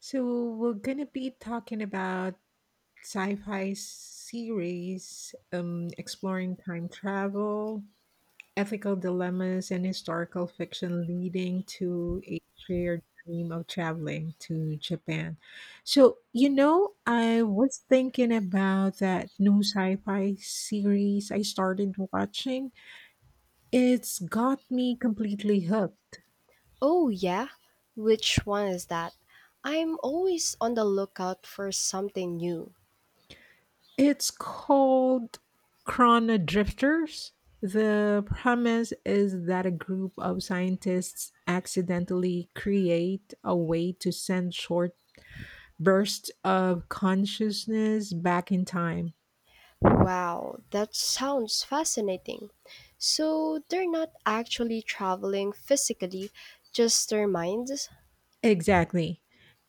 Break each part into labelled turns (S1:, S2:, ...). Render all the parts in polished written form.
S1: So we're gonna be talking about sci-fi series, exploring time travel, ethical dilemmas, and historical fiction leading to a shared dream of traveling to Japan. So you know, I was thinking about that new sci-fi series I started watching. It's got me completely hooked.
S2: Oh, yeah? Which one is that? I'm always on the lookout for something new.
S1: It's called Chrono Drifters. The premise is that a group of scientists accidentally create a way to send short bursts of consciousness back in time.
S2: Wow, that sounds fascinating. So they're not actually traveling physically, just their minds?
S1: Exactly.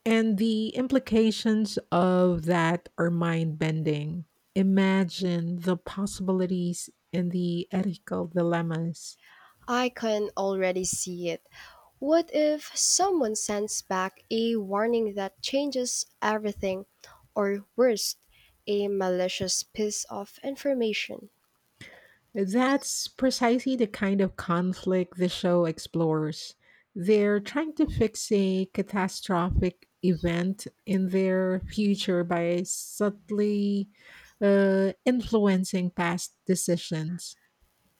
S1: And the implications of that are mind bending. Imagine the possibilities and the ethical dilemmas.
S2: I can already see it. What if someone sends back a warning that changes everything, or worse, a malicious piece of information?
S1: That's precisely the kind of conflict the show explores. They're trying to fix a catastrophic event in their future by subtly influencing past decisions.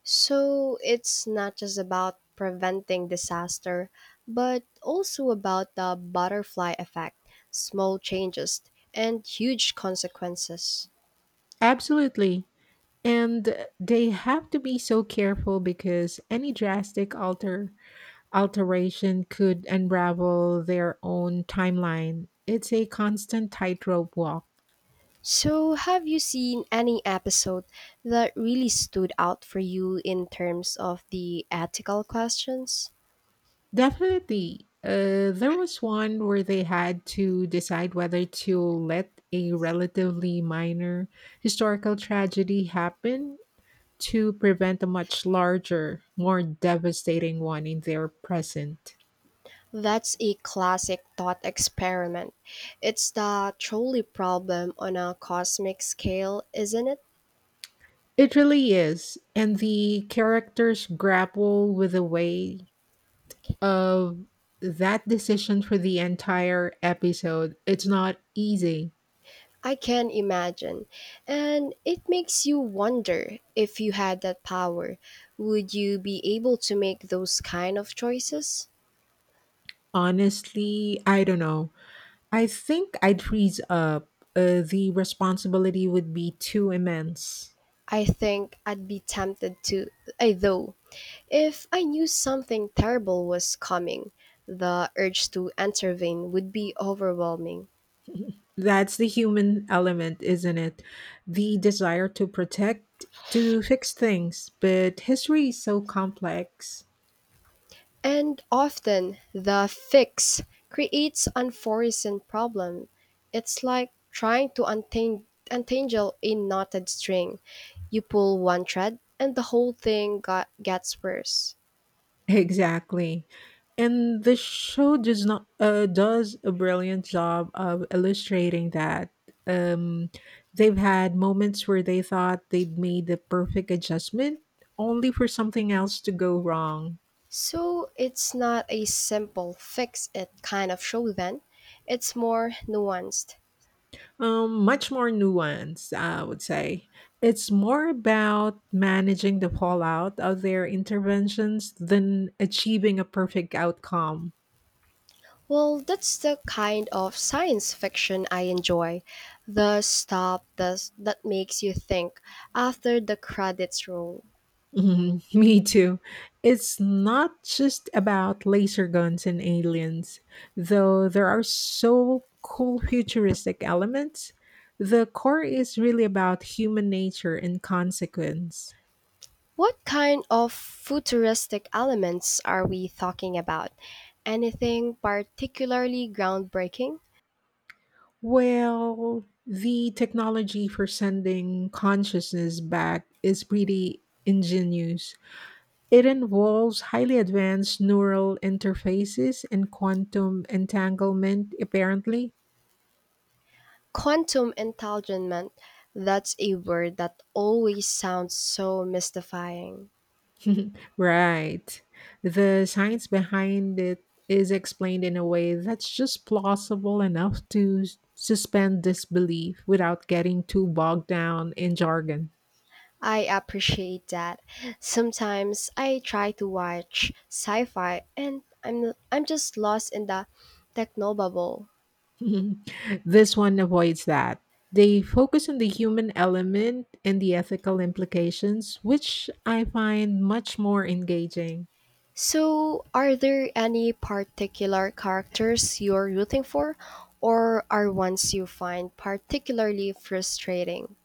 S2: So it's not just about preventing disaster, but also about the butterfly effect, small changes, and huge consequences.
S1: Absolutely. And they have to be so careful because any drastic alter alteration could unravel their own timeline. It's a constant tightrope walk.
S2: So, have you seen any episode that really stood out for you in terms of the ethical questions?
S1: Definitely. There was one where they had to decide whether to let a relatively minor historical tragedy happen to prevent a much larger, more devastating one in their present.
S2: That's a classic thought experiment. It's the trolley problem on a cosmic scale, isn't it?
S1: It really is. And the characters grapple with the weight of that decision for the entire episode. It's not easy.
S2: I can imagine. And it makes you wonder if you had that power, would you be able to make those kind of choices?
S1: Honestly, I don't know. I think I'd freeze up. The responsibility would be too immense.
S2: I think I'd be tempted to, I though, if I knew something terrible was coming, the urge to intervene would be overwhelming.
S1: That's the human element, isn't it? The desire to protect, to fix things. But history is so complex.
S2: And often the fix creates unforeseen problem. It's like trying to untangle a knotted string. You pull one thread and the whole thing gets worse.
S1: Exactly. And the show does not does a brilliant job of illustrating that. Um, they've had moments where they thought they'd made the perfect adjustment, only for something else to go wrong.
S2: So it's not a simple fix it kind of show then. It's more nuanced.
S1: Much more nuanced, I would say. It's more about managing the fallout of their interventions than achieving a perfect outcome.
S2: Well, that's the kind of science fiction I enjoy. The stuff that makes you think after the credits roll.
S1: Mhm, me too. It's not just about laser guns and aliens, though there are so cool futuristic elements. The core is really about human nature and consequence.
S2: What kind of futuristic elements are we talking about? Anything particularly groundbreaking?
S1: Well, the technology for sending consciousness back is pretty ingenious. It involves highly advanced neural interfaces and quantum entanglement, apparently.
S2: Quantum entanglement, that's a word that always sounds so mystifying.
S1: Right. The science behind it is explained in a way that's just plausible enough to suspend disbelief without getting too bogged down in jargon.
S2: I appreciate that. Sometimes I try to watch sci-fi and I'm just lost in the technobubble.
S1: This one avoids that. They focus on the human element and the ethical implications, which I find much more engaging.
S2: So, are there any particular characters you're rooting for, or are ones you find particularly frustrating?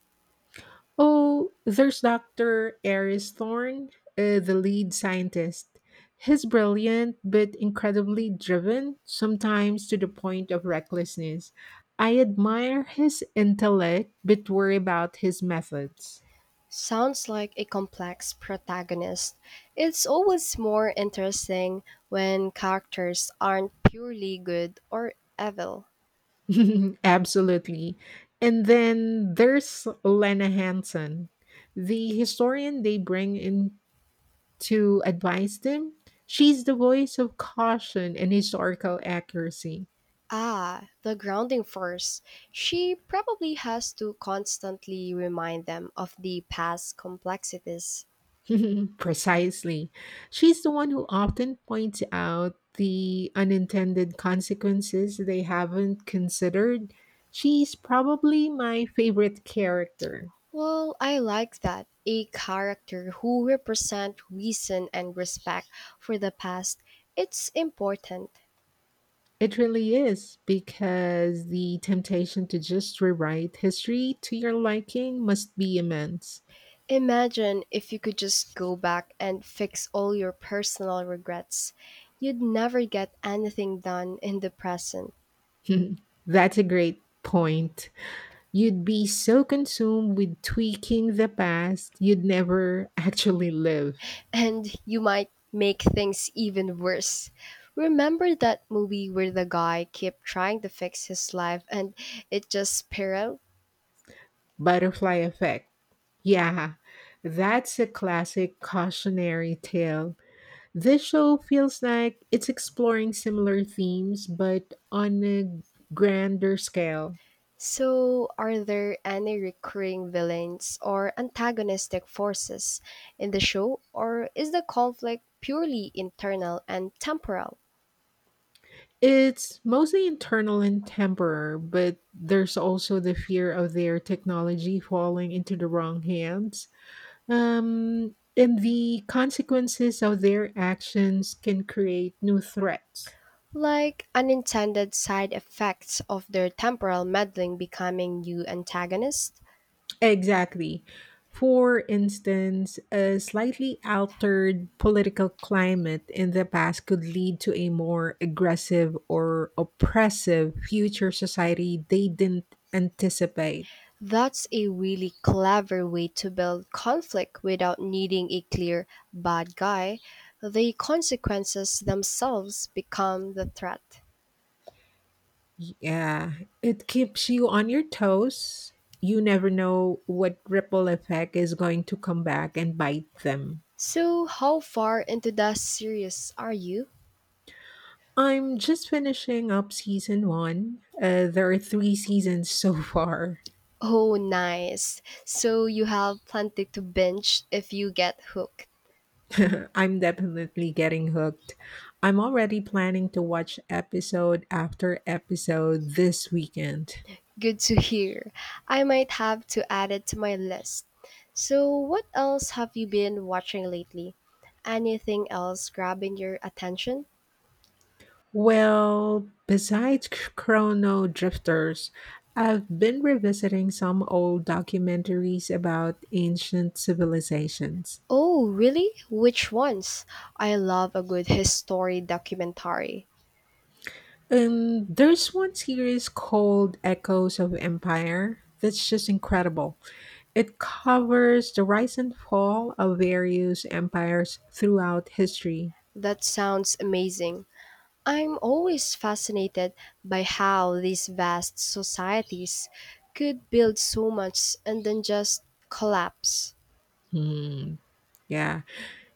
S1: Oh, there's Dr. Aris Thorne, the lead scientist. He's brilliant, but incredibly driven, sometimes to the point of recklessness. I admire his intellect, but worry about his methods.
S2: Sounds like a complex protagonist. It's always more interesting when characters aren't purely good or evil.
S1: Absolutely. And then there's Lena Hansen, the historian they bring in to advise them. She's the voice of caution and historical accuracy.
S2: Ah, the grounding force. She probably has to constantly remind them of the past complexities.
S1: Precisely. She's the one who often points out the unintended consequences they haven't considered. She's probably my favorite character.
S2: Well, I like that. A character who represent reason and respect for the past. It's important.
S1: It really is because the temptation to just rewrite history to your liking must be immense.
S2: Imagine if you could just go back and fix all your personal regrets. You'd never get anything done in the present,
S1: That's a great point. You'd be so consumed with tweaking the past, you'd never actually live.
S2: and you might make things even worse. Remember that movie where the guy kept trying to fix his life and it just spiraled?
S1: Butterfly effect. Yeah, that's a classic cautionary tale. This show feels like it's exploring similar themes, but on a grander scale.
S2: So, are there any recurring villains or antagonistic forces in the show, or is the conflict purely internal and temporal?
S1: It's mostly internal and temporary, but there's also the fear of their technology falling into the wrong hands. And the consequences of their actions can create new threats.
S2: Like unintended side effects of their temporal meddling becoming new antagonists?
S1: Exactly. For instance, a slightly altered political climate in the past could lead to a more aggressive or oppressive future society they didn't anticipate.
S2: That's a really clever way to build conflict without needing a clear bad guy. The consequences themselves become the threat.
S1: Yeah, it keeps you on your toes. You never know what ripple effect is going to come back and bite them.
S2: So, how far into the series are you?
S1: I'm just finishing up season one. There are three seasons so far.
S2: Oh, nice. So you have plenty to binge if you get hooked.
S1: I'm definitely getting hooked. I'm already planning to watch episode after episode this weekend.
S2: Good to hear. I might have to add it to my list. So, what else have you been watching lately? Anything else grabbing your attention?
S1: Well, besides Chrono Drifters, I've been revisiting some old documentaries about ancient civilizations.
S2: Oh, really? Which ones? I love a good history documentary.
S1: There's one series called Echoes of Empire that's just incredible. It covers the rise and fall of various empires throughout history.
S2: That sounds amazing. I'm always fascinated by how these vast societies could build so much and then just collapse.
S1: Hmm, yeah.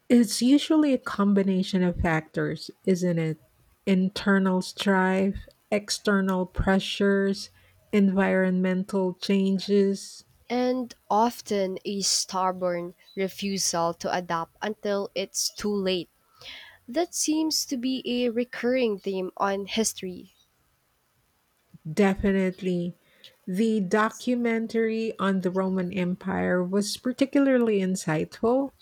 S1: It's usually a combination of factors, isn't it? Internal strife, external pressures, environmental changes.
S2: And often a stubborn refusal to adapt until it's too late. That seems to be a recurring theme on history.
S1: Definitely. The documentary on the Roman Empire was particularly insightful.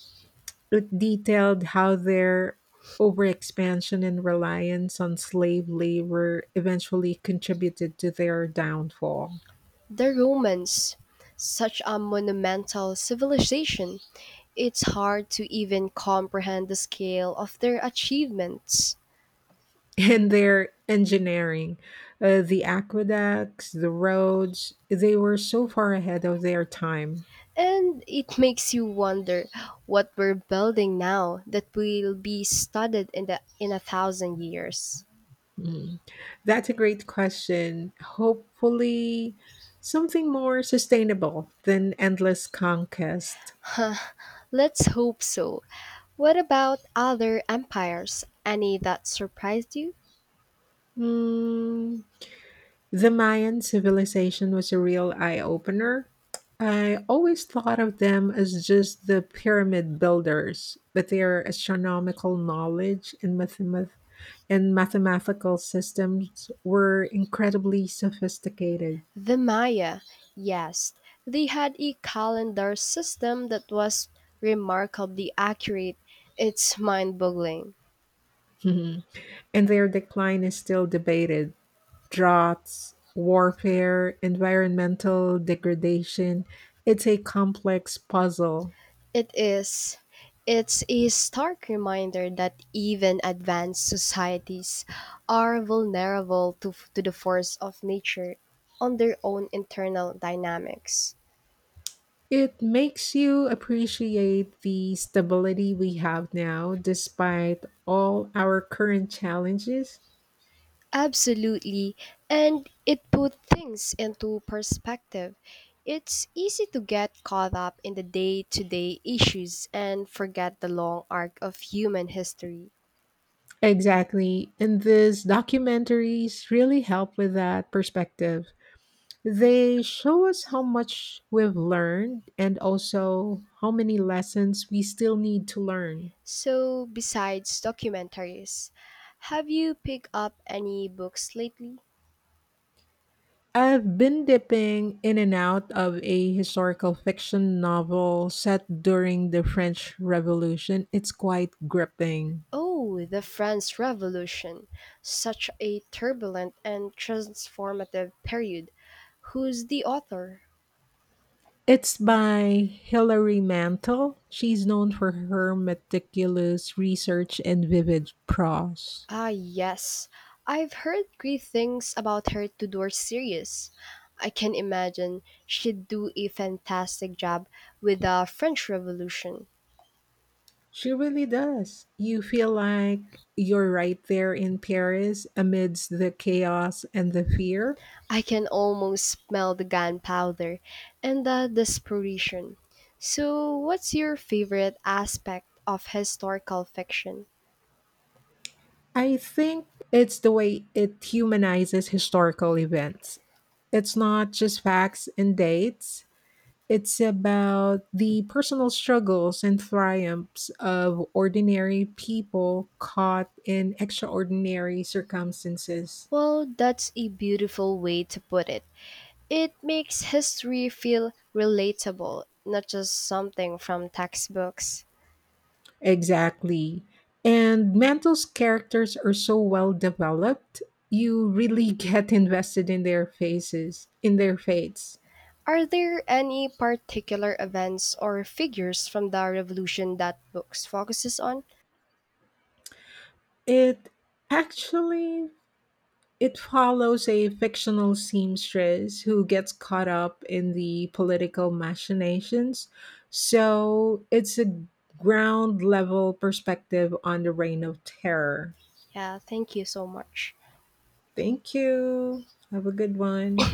S1: It detailed how their overexpansion and reliance on slave labor eventually contributed to their downfall.
S2: The Romans, such a monumental civilization, it's hard to even comprehend the scale of their achievements.
S1: And their engineering. The aqueducts, the roads, they were so far ahead of their time.
S2: And it makes you wonder what we're building now that will be studied in a thousand years.
S1: Mm. That's a great question. Hopefully, something more sustainable than endless conquest.
S2: Let's hope so. What about other empires? Any that surprised you?
S1: Mm, the Mayan civilization was a real eye opener. I always thought of them as just the pyramid builders, but their astronomical knowledge and mathematical systems were incredibly sophisticated.
S2: The Maya, yes. They had a calendar system that was remarkably accurate. It's mind boggling.
S1: Mhm, and their decline is still debated. Droughts, warfare, environmental degradation. It's a complex puzzle.
S2: It is. It's a stark reminder that even advanced societies are vulnerable to the force of nature on their own internal dynamics.
S1: It makes you appreciate the stability we have now, despite all our current challenges.
S2: Absolutely. And it put things into perspective. It's easy to get caught up in the day to day issues and forget the long arc of human history.
S1: Exactly. And these documentaries really help with that perspective. They show us how much we've learned and also how many lessons we still need to learn.
S2: So, besides documentaries, have you picked up any books lately?
S1: I've been dipping in and out of a historical fiction novel set during the French Revolution. It's quite gripping.
S2: Oh, the French Revolution! Such a turbulent and transformative period. Who's the author?
S1: It's by Hilary Mantel. She's known for her meticulous research and vivid prose.
S2: Ah, yes, I've heard great things about her Tudor series. I can imagine she'd do a fantastic job with the French Revolution.
S1: She really does. You feel like you're right there in Paris amidst the chaos and the fear.
S2: I can almost smell the gunpowder and the desperation. So, what's your favorite aspect of historical fiction?
S1: I think it's the way it humanizes historical events. It's not just facts and dates, it's about the personal struggles and triumphs of ordinary people caught in extraordinary circumstances.
S2: Well, that's a beautiful way to put it. It makes history feel relatable, not just something from textbooks.
S1: Exactly. And Mantle's characters are so well developed, you really get invested in their faces, in their fates.
S2: Are there any particular events or figures from the revolution that books focuses on?
S1: It actually It follows a fictional seamstress who gets caught up in the political machinations. So it's a ground level perspective on the reign of terror.
S2: Yeah, thank you so much.
S1: Thank you. Have a good one.